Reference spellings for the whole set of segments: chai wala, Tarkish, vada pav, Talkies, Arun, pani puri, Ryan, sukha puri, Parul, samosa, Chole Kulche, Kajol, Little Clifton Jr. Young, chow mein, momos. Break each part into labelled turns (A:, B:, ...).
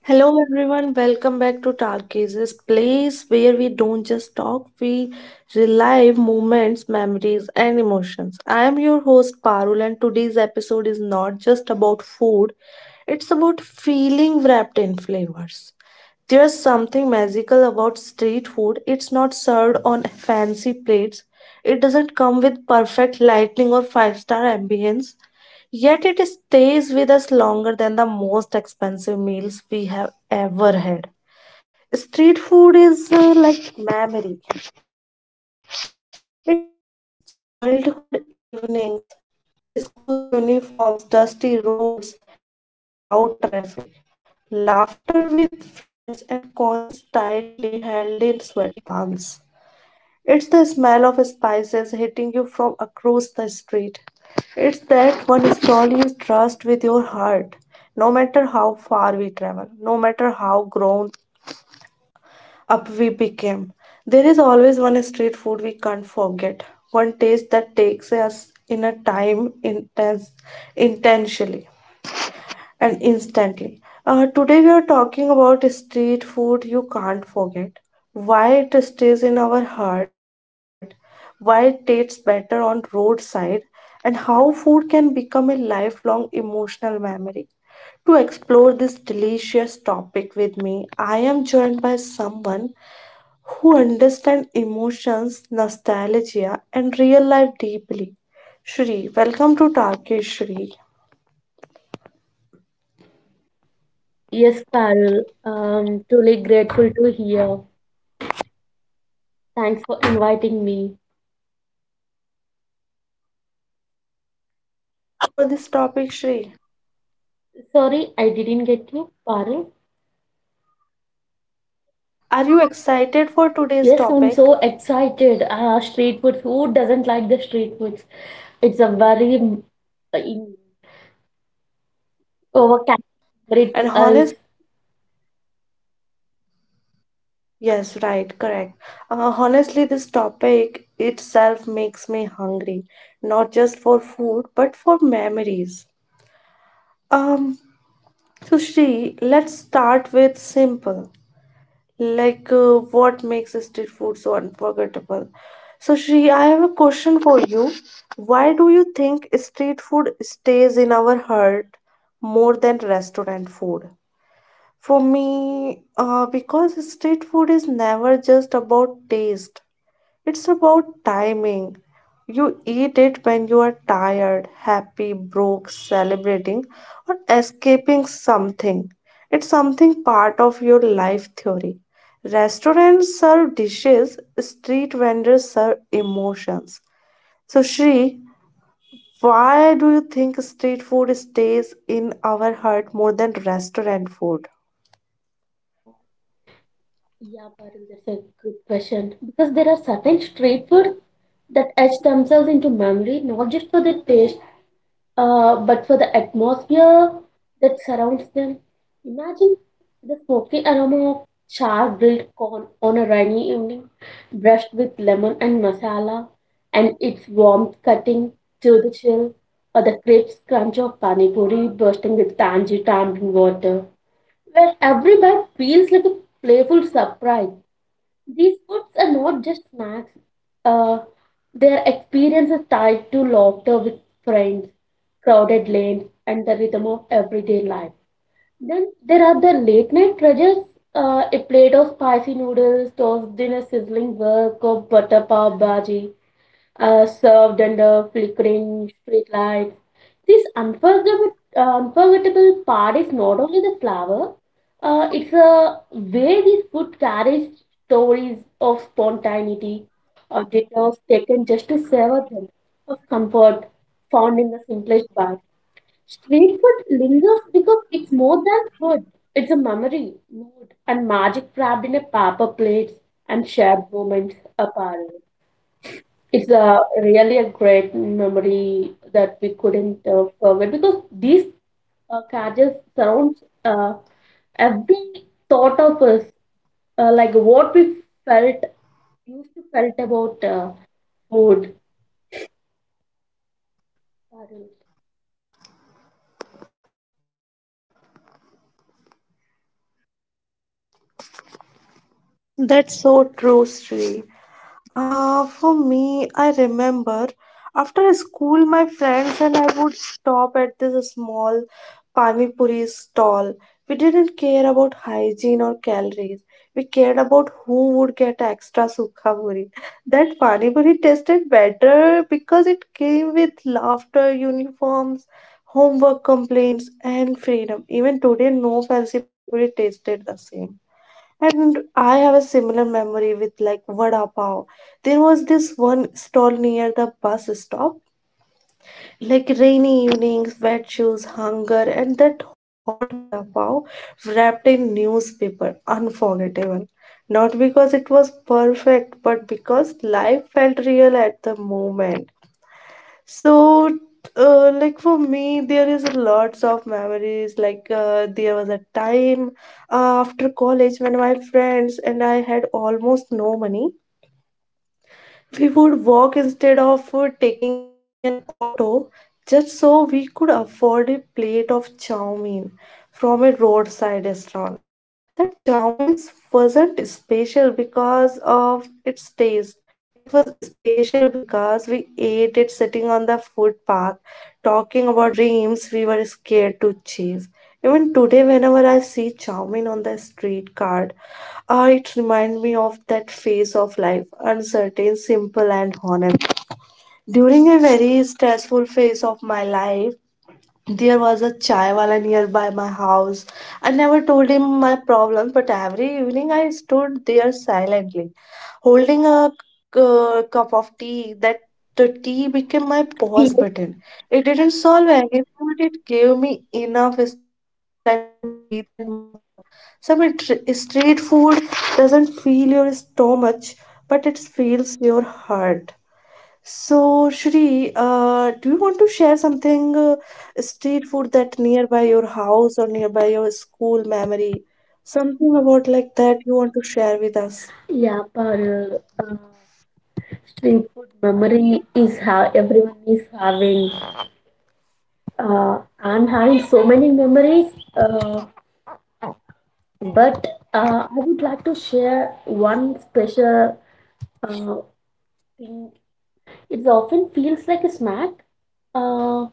A: Hello everyone, welcome back to Talkies, place where we don't just talk, we relive moments, memories, and emotions. I am your host Parul, and today's episode is not just about food, it's about feeling wrapped in flavors. There's something magical about street food. It's not served on fancy plates. It doesn't come with perfect lighting or five-star ambience. Yet it stays with us longer than the most expensive meals we have ever had. Street food is like memory. It's childhood evenings, school's uniforms, dusty roads, and loud traffic. Laughter with friends and coins tightly held in sweaty palms. It's the smell of spices hitting you from across the street. It's that one stall you trust with your heart. No matter how far we travel, no matter how grown up we became, there is always one street food we can't forget. One taste that takes us in a time intense, intentionally and instantly. Today we are talking about street food you can't forget, why it stays in our heart, why it tastes better on roadside, and how food can become a lifelong emotional memory. To explore this delicious topic with me, I am joined by someone who understands emotions, nostalgia, and real life deeply. Shri, welcome to Tarkish Shri.
B: Yes, Parul. Truly grateful to hear. Thanks for inviting me.
A: Are you excited for this topic, Shri?
B: Sorry, I didn't get you, Parul.
A: Are you excited for today's
B: Yes, I'm
A: topic?
B: so excited. Ah, street food. Who doesn't like the street foods? It's a very uh, in- overcategory to
A: And
B: us.
A: honest, yes, right, correct. Honestly, this topic itself makes me hungry, not just for food, but for memories. Um, so Shri, let's start with simple. Like, what makes street food so unforgettable? So, Shri, I have a question for you. Why do you think street food stays in our heart more than restaurant food? For me, because street food is never just about taste. It's about timing. You eat it when you are tired, happy, broke, celebrating, or escaping something. It's something part of your life theory. Restaurants serve dishes, street vendors serve emotions. So, Shri, why do you think street food stays in our heart more than restaurant food?
B: Uh, yeah, Parul, that's a good question. Because there are certain street food that etch themselves into memory, not just for their taste, but for the atmosphere that surrounds them. Imagine the smoky aroma of char grilled corn on a rainy evening, brushed with lemon and masala, and its warmth cutting through the chill, or the crisp crunch of pani puri bursting with tangy tamarind water, where every bite feels like a playful surprise. These foods are not just snacks, uh, they experiences tied to laughter with friends, crowded lanes, and the rhythm of everyday life. Then there are the late night treasures a plate of spicy noodles, tossed in a sizzling wok of butter pav bhaji, served under flickering streetlights. This unforgettable part is not only the flower, it's a way this food carries stories of spontaneity, of detours taken just to savor them, of comfort found in the simplest bite. Street food lingers because it's more than food. It's a memory, mood, and magic wrapped in a paper plate and shared moments apart. It's a really a great memory that we couldn't forget because these carriages surrounds every thought of us, like what we felt used to felt about food. Parul.
A: That's so True, Shri. For me, I remember after school, my friends and I would stop at this small pani puri stall. We didn't care about hygiene or calories. We cared about who would get extra sukha puri. That pani puri tasted better because it came with laughter, uniforms, homework complaints, and freedom. Even today, no fancy pani puri tasted the same. And I have a similar memory with like vada pav. There was this one stall near the bus stop. Like rainy evenings, wet shoes, hunger, and that hot vada pav wrapped in newspaper. Unforgettable. Not because it was perfect, but because life felt real at the moment. So, like for me, there is lots of memories. Like there was a time after college when my friends and I had almost no money. We would walk instead of taking an auto, just so we could afford a plate of chow mein from a roadside restaurant. That chowmein wasn't special because of its taste. It was special because we ate it sitting on the footpath, talking about dreams we were scared to chase. Even today, whenever I see chowmein on the street cart, ah, it reminds me of that phase of life, uncertain, simple, and honest. During a very stressful phase of my life, there was a chai wala nearby my house. I never told him my problem, but every evening I stood there silently, holding a cup of tea. That the tea became my
B: Yes.
A: pause button. It didn't solve anything, but it gave me enough time to breathe and move on. Some street food doesn't feel your stomach, but it feels your heart. So, Shri, do you want to share something street food that nearby your house or nearby your school memory? Something about like that you want to share with us?
B: Yeah, Parul. Street food memory is how everyone is having. Uh, I'm having so many memories, uh, but I would like to share one special. Uh, in- it often feels like a snack. Uh,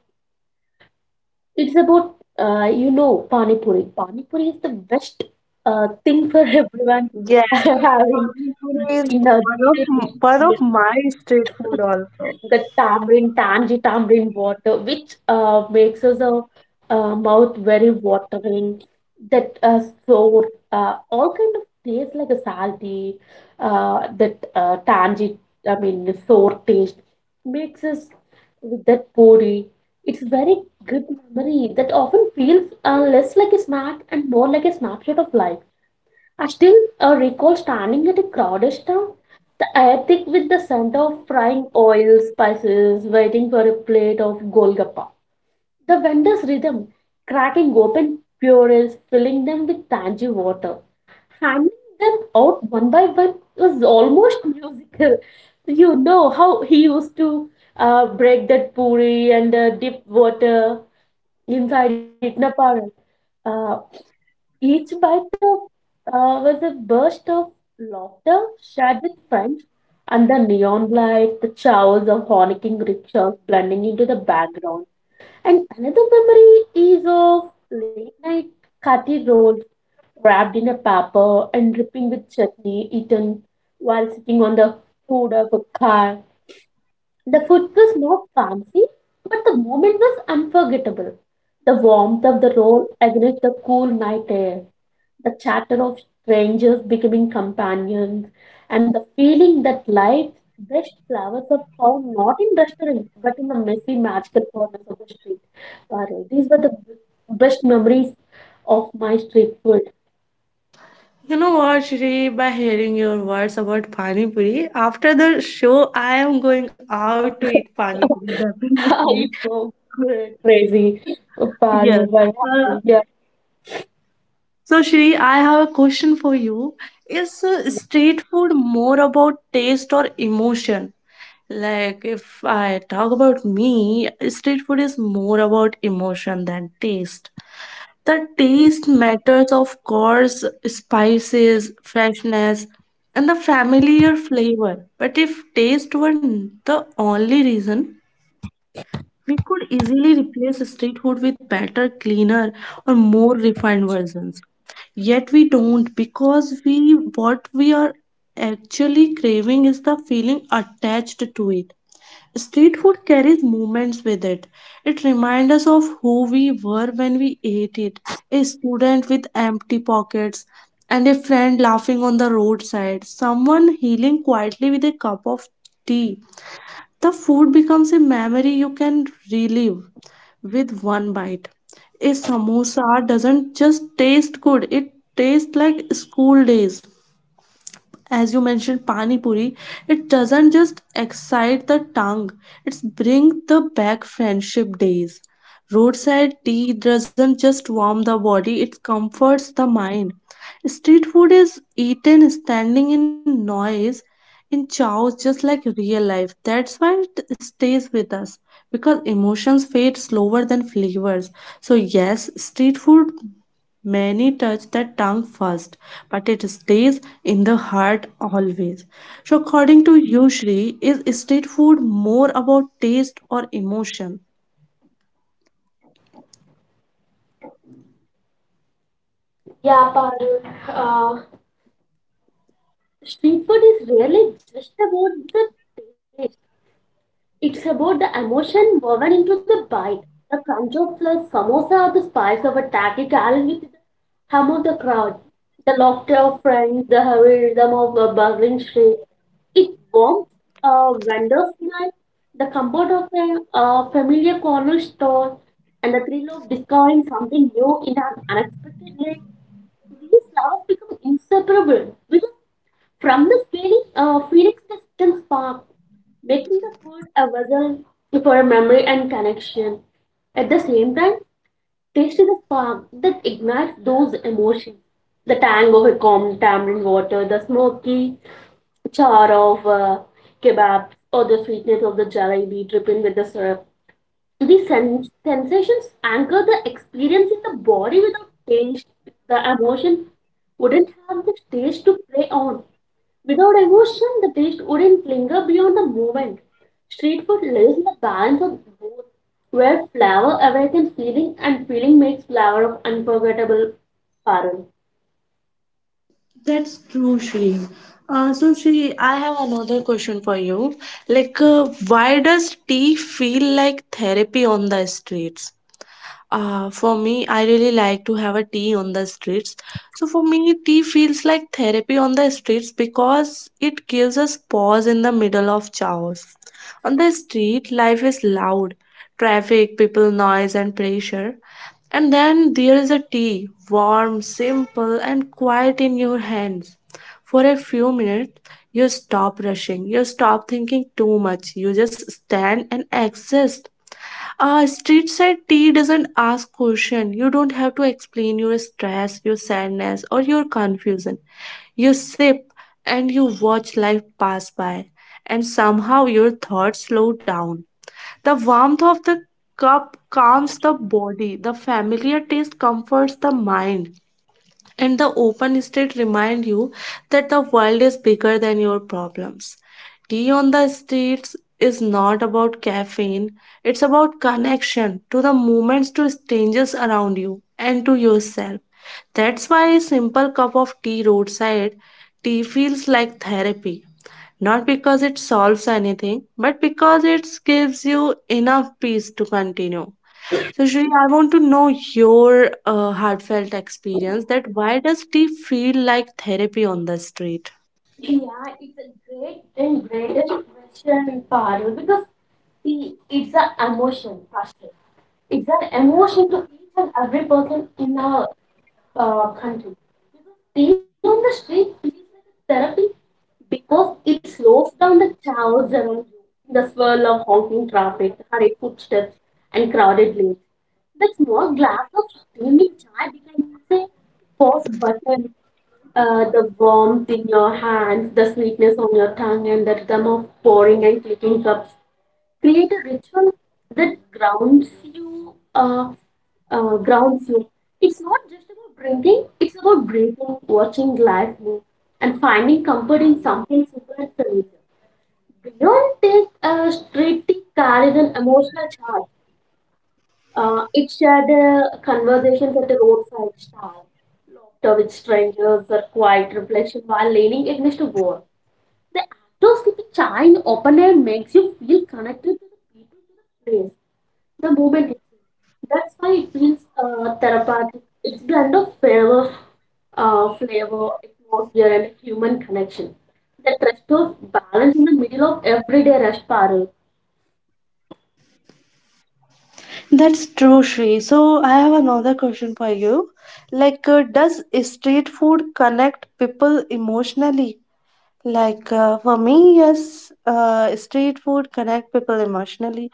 B: it's about, you know, Pani Puri. Pani Puri is the best thing for everyone
A: Yes,
B: having
A: Pani Puri is
B: dinner.
A: one of my street food also.
B: The tamarind, tangy tamarind water, which makes us a mouth very watering. That Sour, all kind of taste like a salty, that tangy, I mean sour taste makes us with that puri. It's very good memory that often feels less like a snack and more like a snapshot of life. I still recall standing at a crowded stall the attic with the scent of frying oil, spices, waiting for a plate of golgappa. The vendor's rhythm, cracking open purees, filling them with tangy water. Handing them out one by one was almost musical. You know how he used to break that puri and dip water inside it in a parat. Each bite of was a burst of laughter shared with friends, and the neon lights, the chows of honking rickshaws blending into the background. And another memory is of late night curry rolls wrapped in a paper and dripping with chutney, eaten while sitting on the hood of a car. The food was not fancy, but the moment was unforgettable. The warmth of the roll against the cool night air, the chatter of strangers becoming companions, and the feeling that life's best flowers are found not in restaurants but in the messy, magical corners of the street. Wow, these were the best memories of my street food.
A: You know what, Shri, by hearing your words about Pani Puri, after the show, I am going out to eat Pani Puri, definitely.
B: It was crazy. Wow,
A: Yes.
B: wow,
A: Uh,
B: yeah.
A: so, Shri, I have a question for you. Is street food more about taste or emotion? Like, if I talk about me, street food is more about emotion than taste. The taste matters, of course, spices, freshness, and the familiar flavor. But if taste were the only reason, we could easily replace street food with better, cleaner, or more refined versions, yet we don't, because we what we are actually craving is the feeling attached to it. Street food carries moments with it. It reminds us of who we were when we ate it, a student with empty pockets and a friend laughing on the roadside, someone healing quietly with a cup of tea. The food becomes a memory you can relive with one bite. A samosa doesn't just taste good, it tastes like school days. As you mentioned pani puri, it doesn't just excite the tongue, it's bring the back friendship days. Roadside tea doesn't just warm the body, it comforts the mind. Street food is eaten standing in noise, in chaos, just like real life. That's why it stays with us, because emotions fade slower than flavors. So yes, street food many touch the tongue first, but it stays in the heart always. So, according to you, Shri, is street food more about taste or emotion?
B: Yeah, Parul. Uh, Street food is really just about the taste. It's about the emotion woven into the bite. The crunch of a samosa or the spice of a tacky carried with the hum of the crowd. The laughter of friends, the hurry rhythm of a bustling street. It warms a vendor's night, the comfort of a familiar corner store, and the thrill of discovering something new in an unexpected way. These lovers become inseparable because from the feeling, phoenix the still spark, making the food a vessel for a memory and connection. At the same time, taste is a spark that ignites those emotions. The tang of a calm tamarind water, the smoky char of kebabs, or the sweetness of the jalebi dripping with the syrup. The sensations anchor the experience in the body without tension. The emotion wouldn't have the stage to play on. Without emotion, the taste wouldn't linger beyond the moment. Street food lives in the balance of both, where flavor awakens feeling and feeling makes flavor of unforgettable pattern.
A: That's true, Shri. So, Shri, I have another question for you. Like, why does tea feel like therapy on the streets? For me, I really like to have a tea on the streets. So for me, tea feels like therapy on the streets because it gives us pause in the middle of chaos. On the street, life is loud, traffic, people noise and pressure. And then there is a tea, warm, simple, and quiet in your hands. For a few minutes, you stop rushing, you stop thinking too much, you just stand and exist. Street side tea doesn't ask question. You don't have to explain your stress, your sadness, or your confusion. You sip and you watch life pass by, and somehow your thoughts slow down. The warmth of the cup calms the body. The familiar taste comforts the mind. And the open state remind you that the world is bigger than your problems. Tea on the streets is not about caffeine, it's about connection to the moments, to strangers around you, and to yourself. That's why a simple cup of tea roadside tea feels like therapy. Not because it solves anything, but because it gives you enough peace to continue. So, Shri, I want to know your heartfelt experience that why does tea feel like therapy on the street?
B: Yeah, it's a great and greatest question, Parul, because see, it's an emotion, first. It's an emotion to each and every person in our country. Because being on the street feels like a therapy because it slows down the chaos around you, the swirl of honking traffic, hurried footsteps, and crowded lanes. That small glass of steaming chai becomes a pause button the warmth in your hands, the sweetness on your tongue, and the rhythm of pouring and clicking cups create a ritual that grounds you. Grounds you. It's not just about drinking; it's about breathing, watching life move, and finding comfort in something super familiar. Beyond this, street tea carries an emotional charge. It shared conversations at a roadside stall, laughter with strangers, or quiet reflection while leaning against a wall. The act of sipping chai in open air makes you feel connected to the people, to the place, the moment itself. That's why it feels therapeutic. It's blend of flavor, flavor, atmosphere, and human connection. The trust of balance in the middle of everyday rush parallel.
A: That's true, Shri. So I have another question for you. Like, does street food connect people emotionally? Like for me, yes, street food connect people emotionally,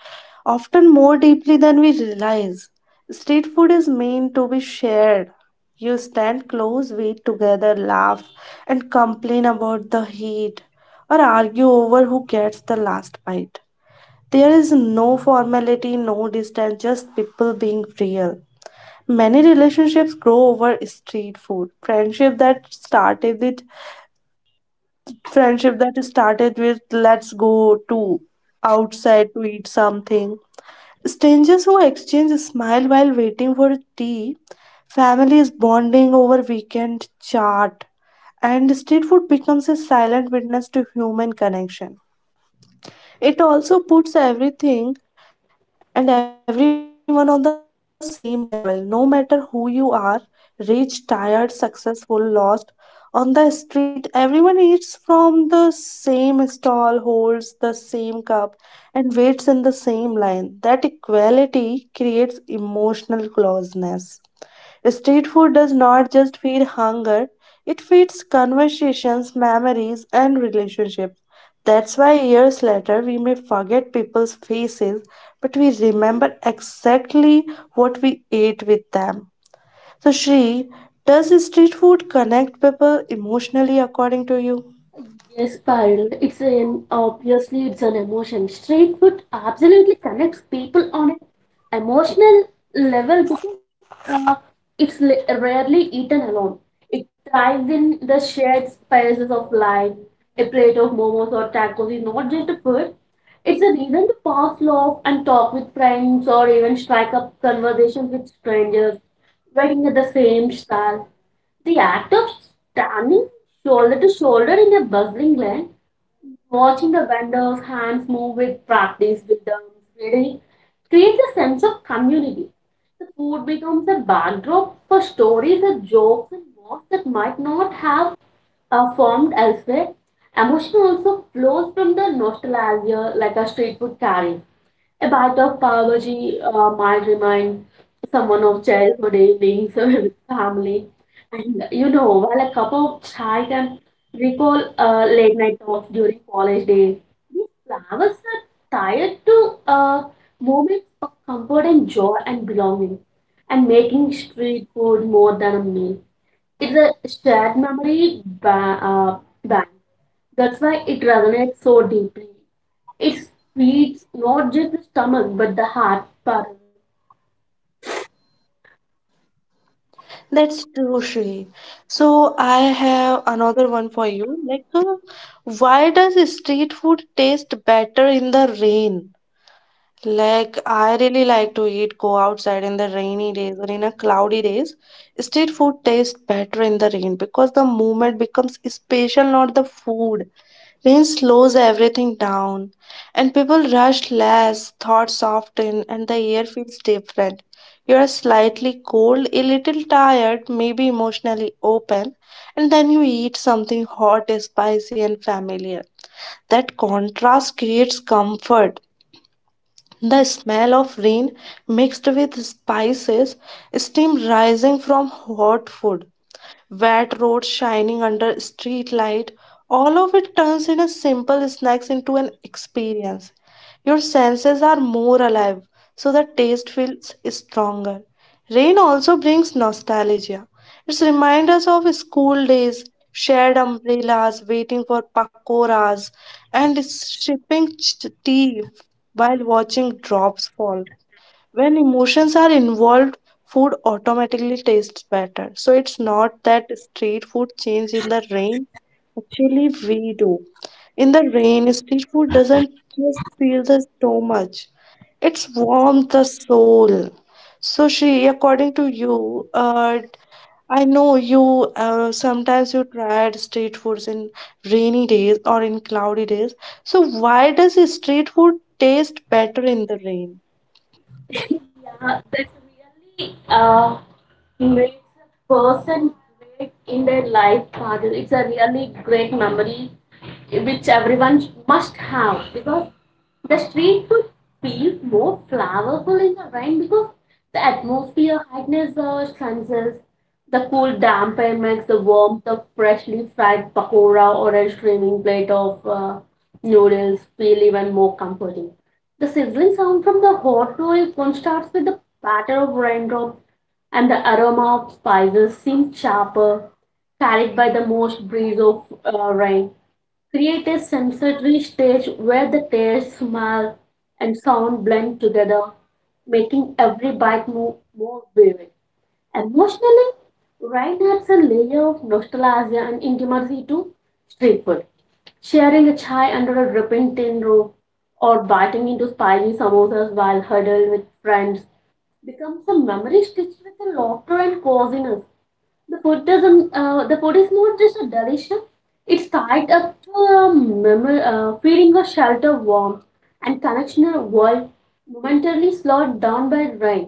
A: often more deeply than we realize. Street food is meant to be shared. You stand close, wait together, laugh, and complain about the heat or argue over who gets the last bite. There is no formality, no distance, just people being real. Many relationships grow over street food. Friendship that started with let's go to outside to eat something, strangers who exchange a smile while waiting for tea, families bonding over weekend chat, and street food becomes a silent witness to human connection. It also puts everything and everyone on the same level, no matter who you are, rich, tired, successful, lost. On the street, everyone eats from the same stall, holds the same cup, and waits in the same line. That equality creates emotional closeness. Street food does not just feed hunger, it feeds conversations, memories, and relationships. That's why years later we may forget people's faces, but we remember exactly what we ate with them. So, Shri, does street food connect people emotionally according to you?
B: Yes, Parul. It's an obviously it's an emotion. Street food absolutely connects people on an emotional level because uh, it's li- rarely eaten alone. It thrives in the shared spaces of life. A plate of momos or tacos is not just a food; it's a reason to pass love and talk with friends or even strike up conversations with strangers, waiting at the same stall. The act of standing shoulder to shoulder in a bustling lane, watching the vendors' hands move with practice, rhythm, reading, creates a sense of community. The food becomes a backdrop for stories and jokes and words that might not have formed elsewhere. Emotion also flows from the nostalgia like a street food carries. A bite of pav bhaji might remind someone of childhood evenings with family. And you know, while a cup of chai can recall late night talks during college days, these flowers are tied to uh, moments of comfort and joy and belonging, and making street food more than a meal. It's a shared memory bank. That's why it resonates so deeply it feeds not just the stomach but the heart. Parul.
A: That's true, Shri. So, I have another one for you. Like, why does street food taste better in the rain? Like, I really like to eat go outside in the rainy days or in a cloudy days. Street food tastes better in the rain because the moment becomes special, not the food. Rain slows everything down, and people rush less, thoughts soften, and the air feels different. You are slightly cold, a little tired, maybe emotionally open, and then you eat something hot, spicy, and familiar. That contrast creates comfort, the smell of rain mixed with spices, steam rising from hot food, wet roads shining under street light. All of it turns in a simple snacks into an experience. Your senses are more alive, so the taste feels stronger. Rain also brings nostalgia. It reminds us of school days, shared umbrellas, waiting for pakoras, and sipping tea while watching drops fall. When emotions are involved, food automatically tastes better. So it's not that street food change in the rain, actually we do. In the rain, street food doesn't just feel the stomach, it's warms the soul. So, she, according to you, uh, I know you, sometimes you tried street foods in rainy days or in cloudy days, so why does street food taste better in the rain?
B: Yeah, that's really makes a person great in their life. Kajol. It's a really great memory which everyone must have because the street food feels more flavorful in the rain because the atmosphere heightens the senses. The cool damp air makes the warmth of freshly fried pakora or a steaming plate of noodles feel even more comforting. The sizzling sound from the hot oil contrasts with the patter of raindrops and the aroma of spices seemed sharper, carried by the moist breeze of rain. Create a sensory stage where the taste, smell, and sound blend together, making every bite more vivid. Emotionally, Ryan adds a layer of nostalgia and intimacy to street food. Sharing a chai under a dripping tin roof or biting into spicy samosas while huddled with friends becomes a memory stitched with the laughter and coziness. The food doesn't. The food is not just a delicious. It's tied up to a memory, feeling of shelter, warmth, and connection in a world momentarily slowed down by rain.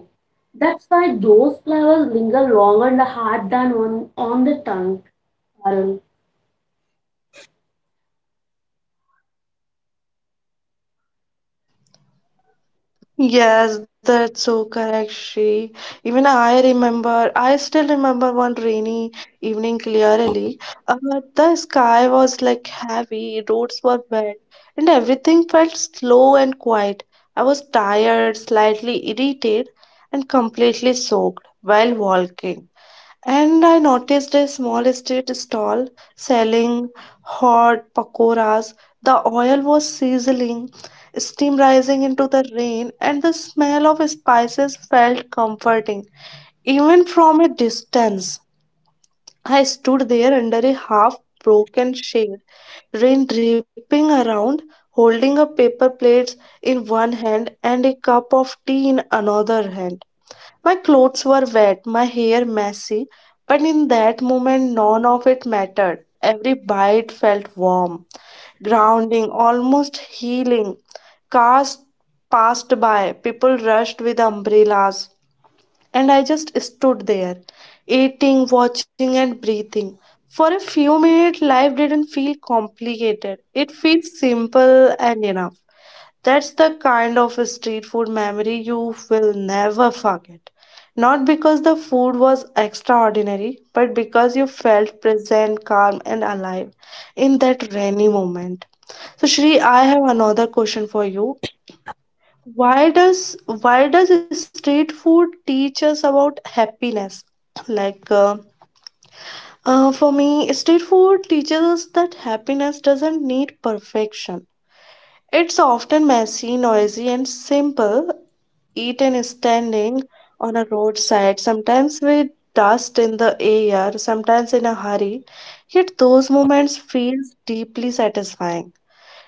B: That's why those flowers linger longer in the heart than on the tongue. Arun.
A: Yes, that's so correct, Shri. Even I remember, I still remember one rainy evening clearly. Uh, the sky was like heavy, roads were wet, and everything felt slow and quiet. I was tired, slightly irritated, and completely soaked while walking, and I noticed a small street stall selling hot pakoras. The oil was sizzling, steam rising into the rain, and the smell of spices felt comforting, even from a distance. I stood there under a half broken shade, rain dripping around, holding a paper plate in one hand and a cup of tea in another hand. My clothes were wet, my hair messy, but in that moment, none of it mattered. Every bite felt warm, grounding, almost healing. Cars passed by, people rushed with umbrellas, and I just stood there, eating, watching, and breathing. For a few minutes, life didn't feel complicated. It feels simple and enough. That's the kind of a street food memory you will never forget. Not because the food was extraordinary, but because you felt present, calm, and alive in that rainy moment. So, Shri, I have another question for you. Why does street food teach us about happiness? Like, for me, street food teaches us that happiness doesn't need perfection. It's often messy, noisy, and simple, eaten standing on a roadside, sometimes with dust in the air, sometimes in a hurry. Yet those moments feels deeply satisfying.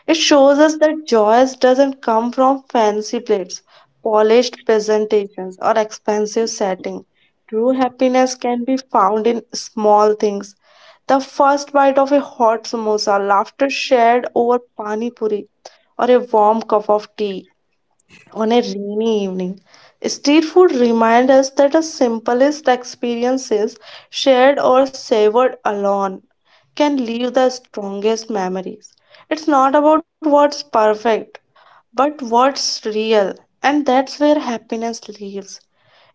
A: It shows us that joy doesn't come from fancy plates, polished presentations, or expensive setting. True happiness can be found in small things. The first bite of a hot samosa, laughter shared over pani puri, or a warm cup of tea on a rainy evening. Street food reminds us that the simplest experiences, shared or savored alone, can leave the strongest memories. It's not about what's perfect, but what's real, and that's where happiness lives.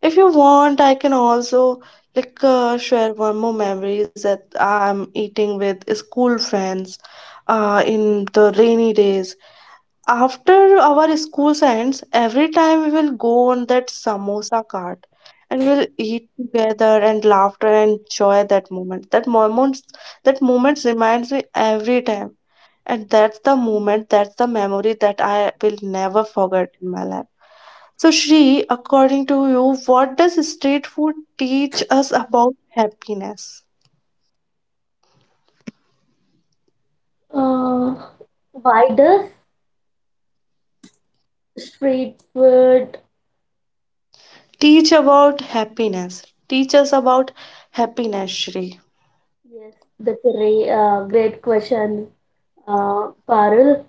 A: If you want, I can also like share one more memories that I'm eating with school friends in the rainy days after our school ends. Every time we will go on that samosa cart and we'll eat together and laughter and enjoy that moment. That moment reminds me every time. And that's the moment, that's the memory that I will never forget in my life. So, Shri, according to you, what does street food teach us about happiness?
B: Uh, why does street food?
A: Teach about happiness. Teach us about happiness, Shri.
B: Yes, that's a great question, Parul.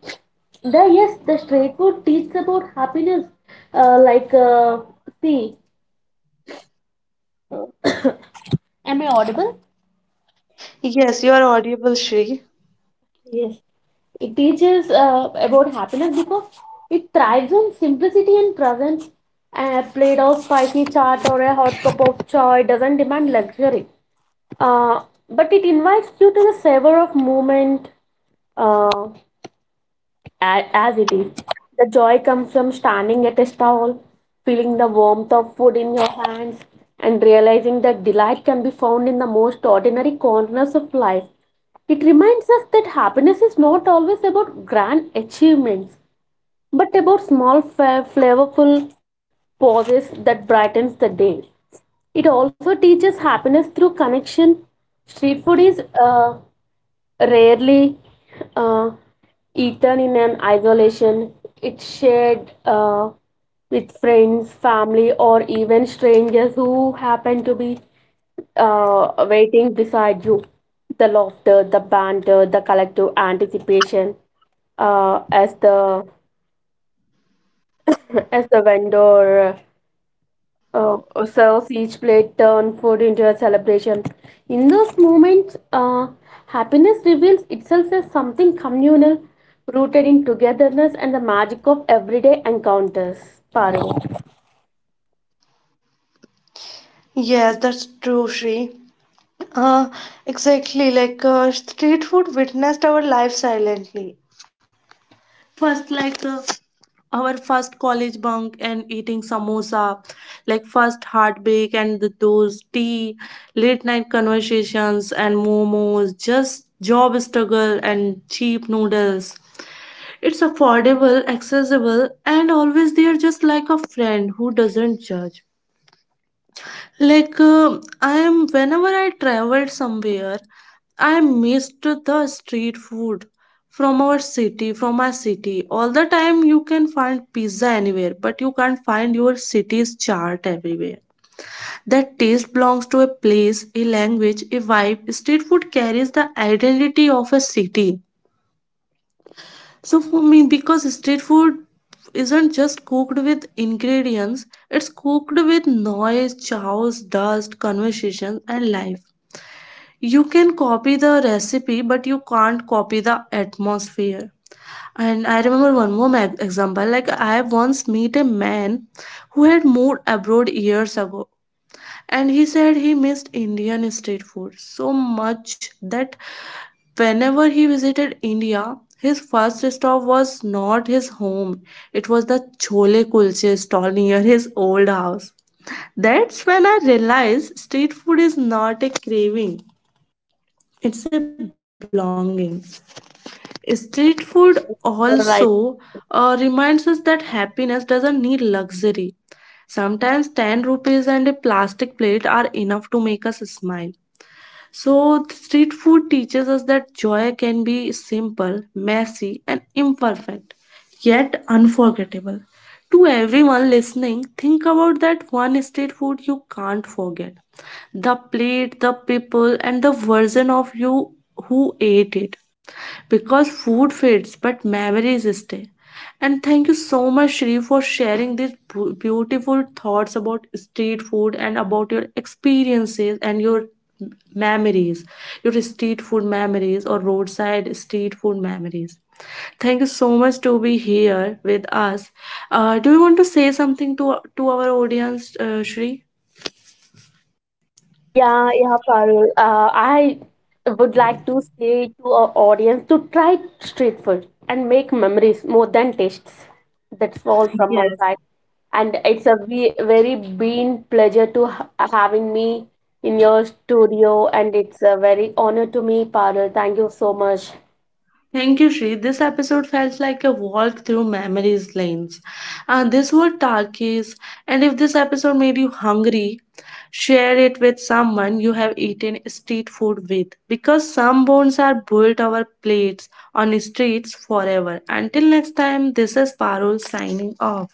B: The yes, the street food teaches about happiness. Like, see, am I audible?
A: Yes, you are audible, Shri.
B: Yes, it teaches about happiness because it thrives on simplicity and presence. A plate of spicy chaat or a hot cup of chai doesn't demand luxury, uh, but it invites you to the savor of moment. Uh, as it is. The joy comes from standing at a stall, feeling the warmth of food in your hands, and realizing that delight can be found in the most ordinary corners of life. It reminds us that happiness is not always about grand achievements, but about small, flavorful pauses that brightens the day. It also teaches happiness through connection. Street food is rarely uh, eaten in an isolation. It's shared with friends, family, or even strangers who happen to be waiting beside you. The laughter, the banter, the collective anticipation as the as the vendor uh, serves each plate, turn food into a celebration. In those moments, happiness reveals itself as something communal, rooted in togetherness and the magic of everyday encounters. Parul.
A: Yes, that's true, Shri. Uh, exactly, like street food witnessed our life silently. First, like our first college bunk and eating samosa, like first heartbreak and the, those tea, late night conversations and momos, just job struggle and cheap noodles. It's affordable, accessible, and always there just like a friend who doesn't judge. Like I am whenever I traveled somewhere, I missed the street food from our city, from my city. All the time you can find pizza anywhere, but you can't find your city's chart everywhere. That taste belongs to a place, a language, a vibe. Street food carries the identity of a city. So for me, because street food isn't just cooked with ingredients, it's cooked with noise, chaos, dust, conversations, and life. You can copy the recipe, but you can't copy the atmosphere. And I remember one more example. Like I once meet a man who had moved abroad years ago and he said he missed Indian street food so much that whenever he visited India, his first stop was not his home, it was the Chole Kulche stall near his old house. That's when I realized street food is not a craving, it's a belonging. Street
B: Yes,
A: food
B: you're right.
A: also reminds us that happiness doesn't need luxury. Sometimes 10 rupees and a plastic plate are enough to make us smile. So, street food teaches us that joy can be simple, messy, and imperfect, yet unforgettable. To everyone listening, think about that one street food you can't forget, the plate, the people, and the version of you who ate it, because food fades but memories stay. And thank you so much, Shri, for sharing these beautiful thoughts about street food and about your experiences and your memories, your street food memories or roadside street food memories. Thank you so much to be here with us. Do you want to say something to our audience, Shri?
B: Yeah, yeah, Parul. I would like to say to our audience to try street food and make memories more than tastes. That's all from
A: Yeah.
B: my side. And it's a very been pleasure to ha having me in your studio, and it's a very honor to me, Parul. Thank you so much.
A: Thank you, Shri. This episode felt like a walk through memories lanes. This were talkies, and if this episode made you hungry, share it with someone you have eaten street food with, because some bones are built our plates on streets forever. Until next time, this is Parul signing off.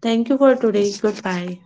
A: Thank you for today. Goodbye.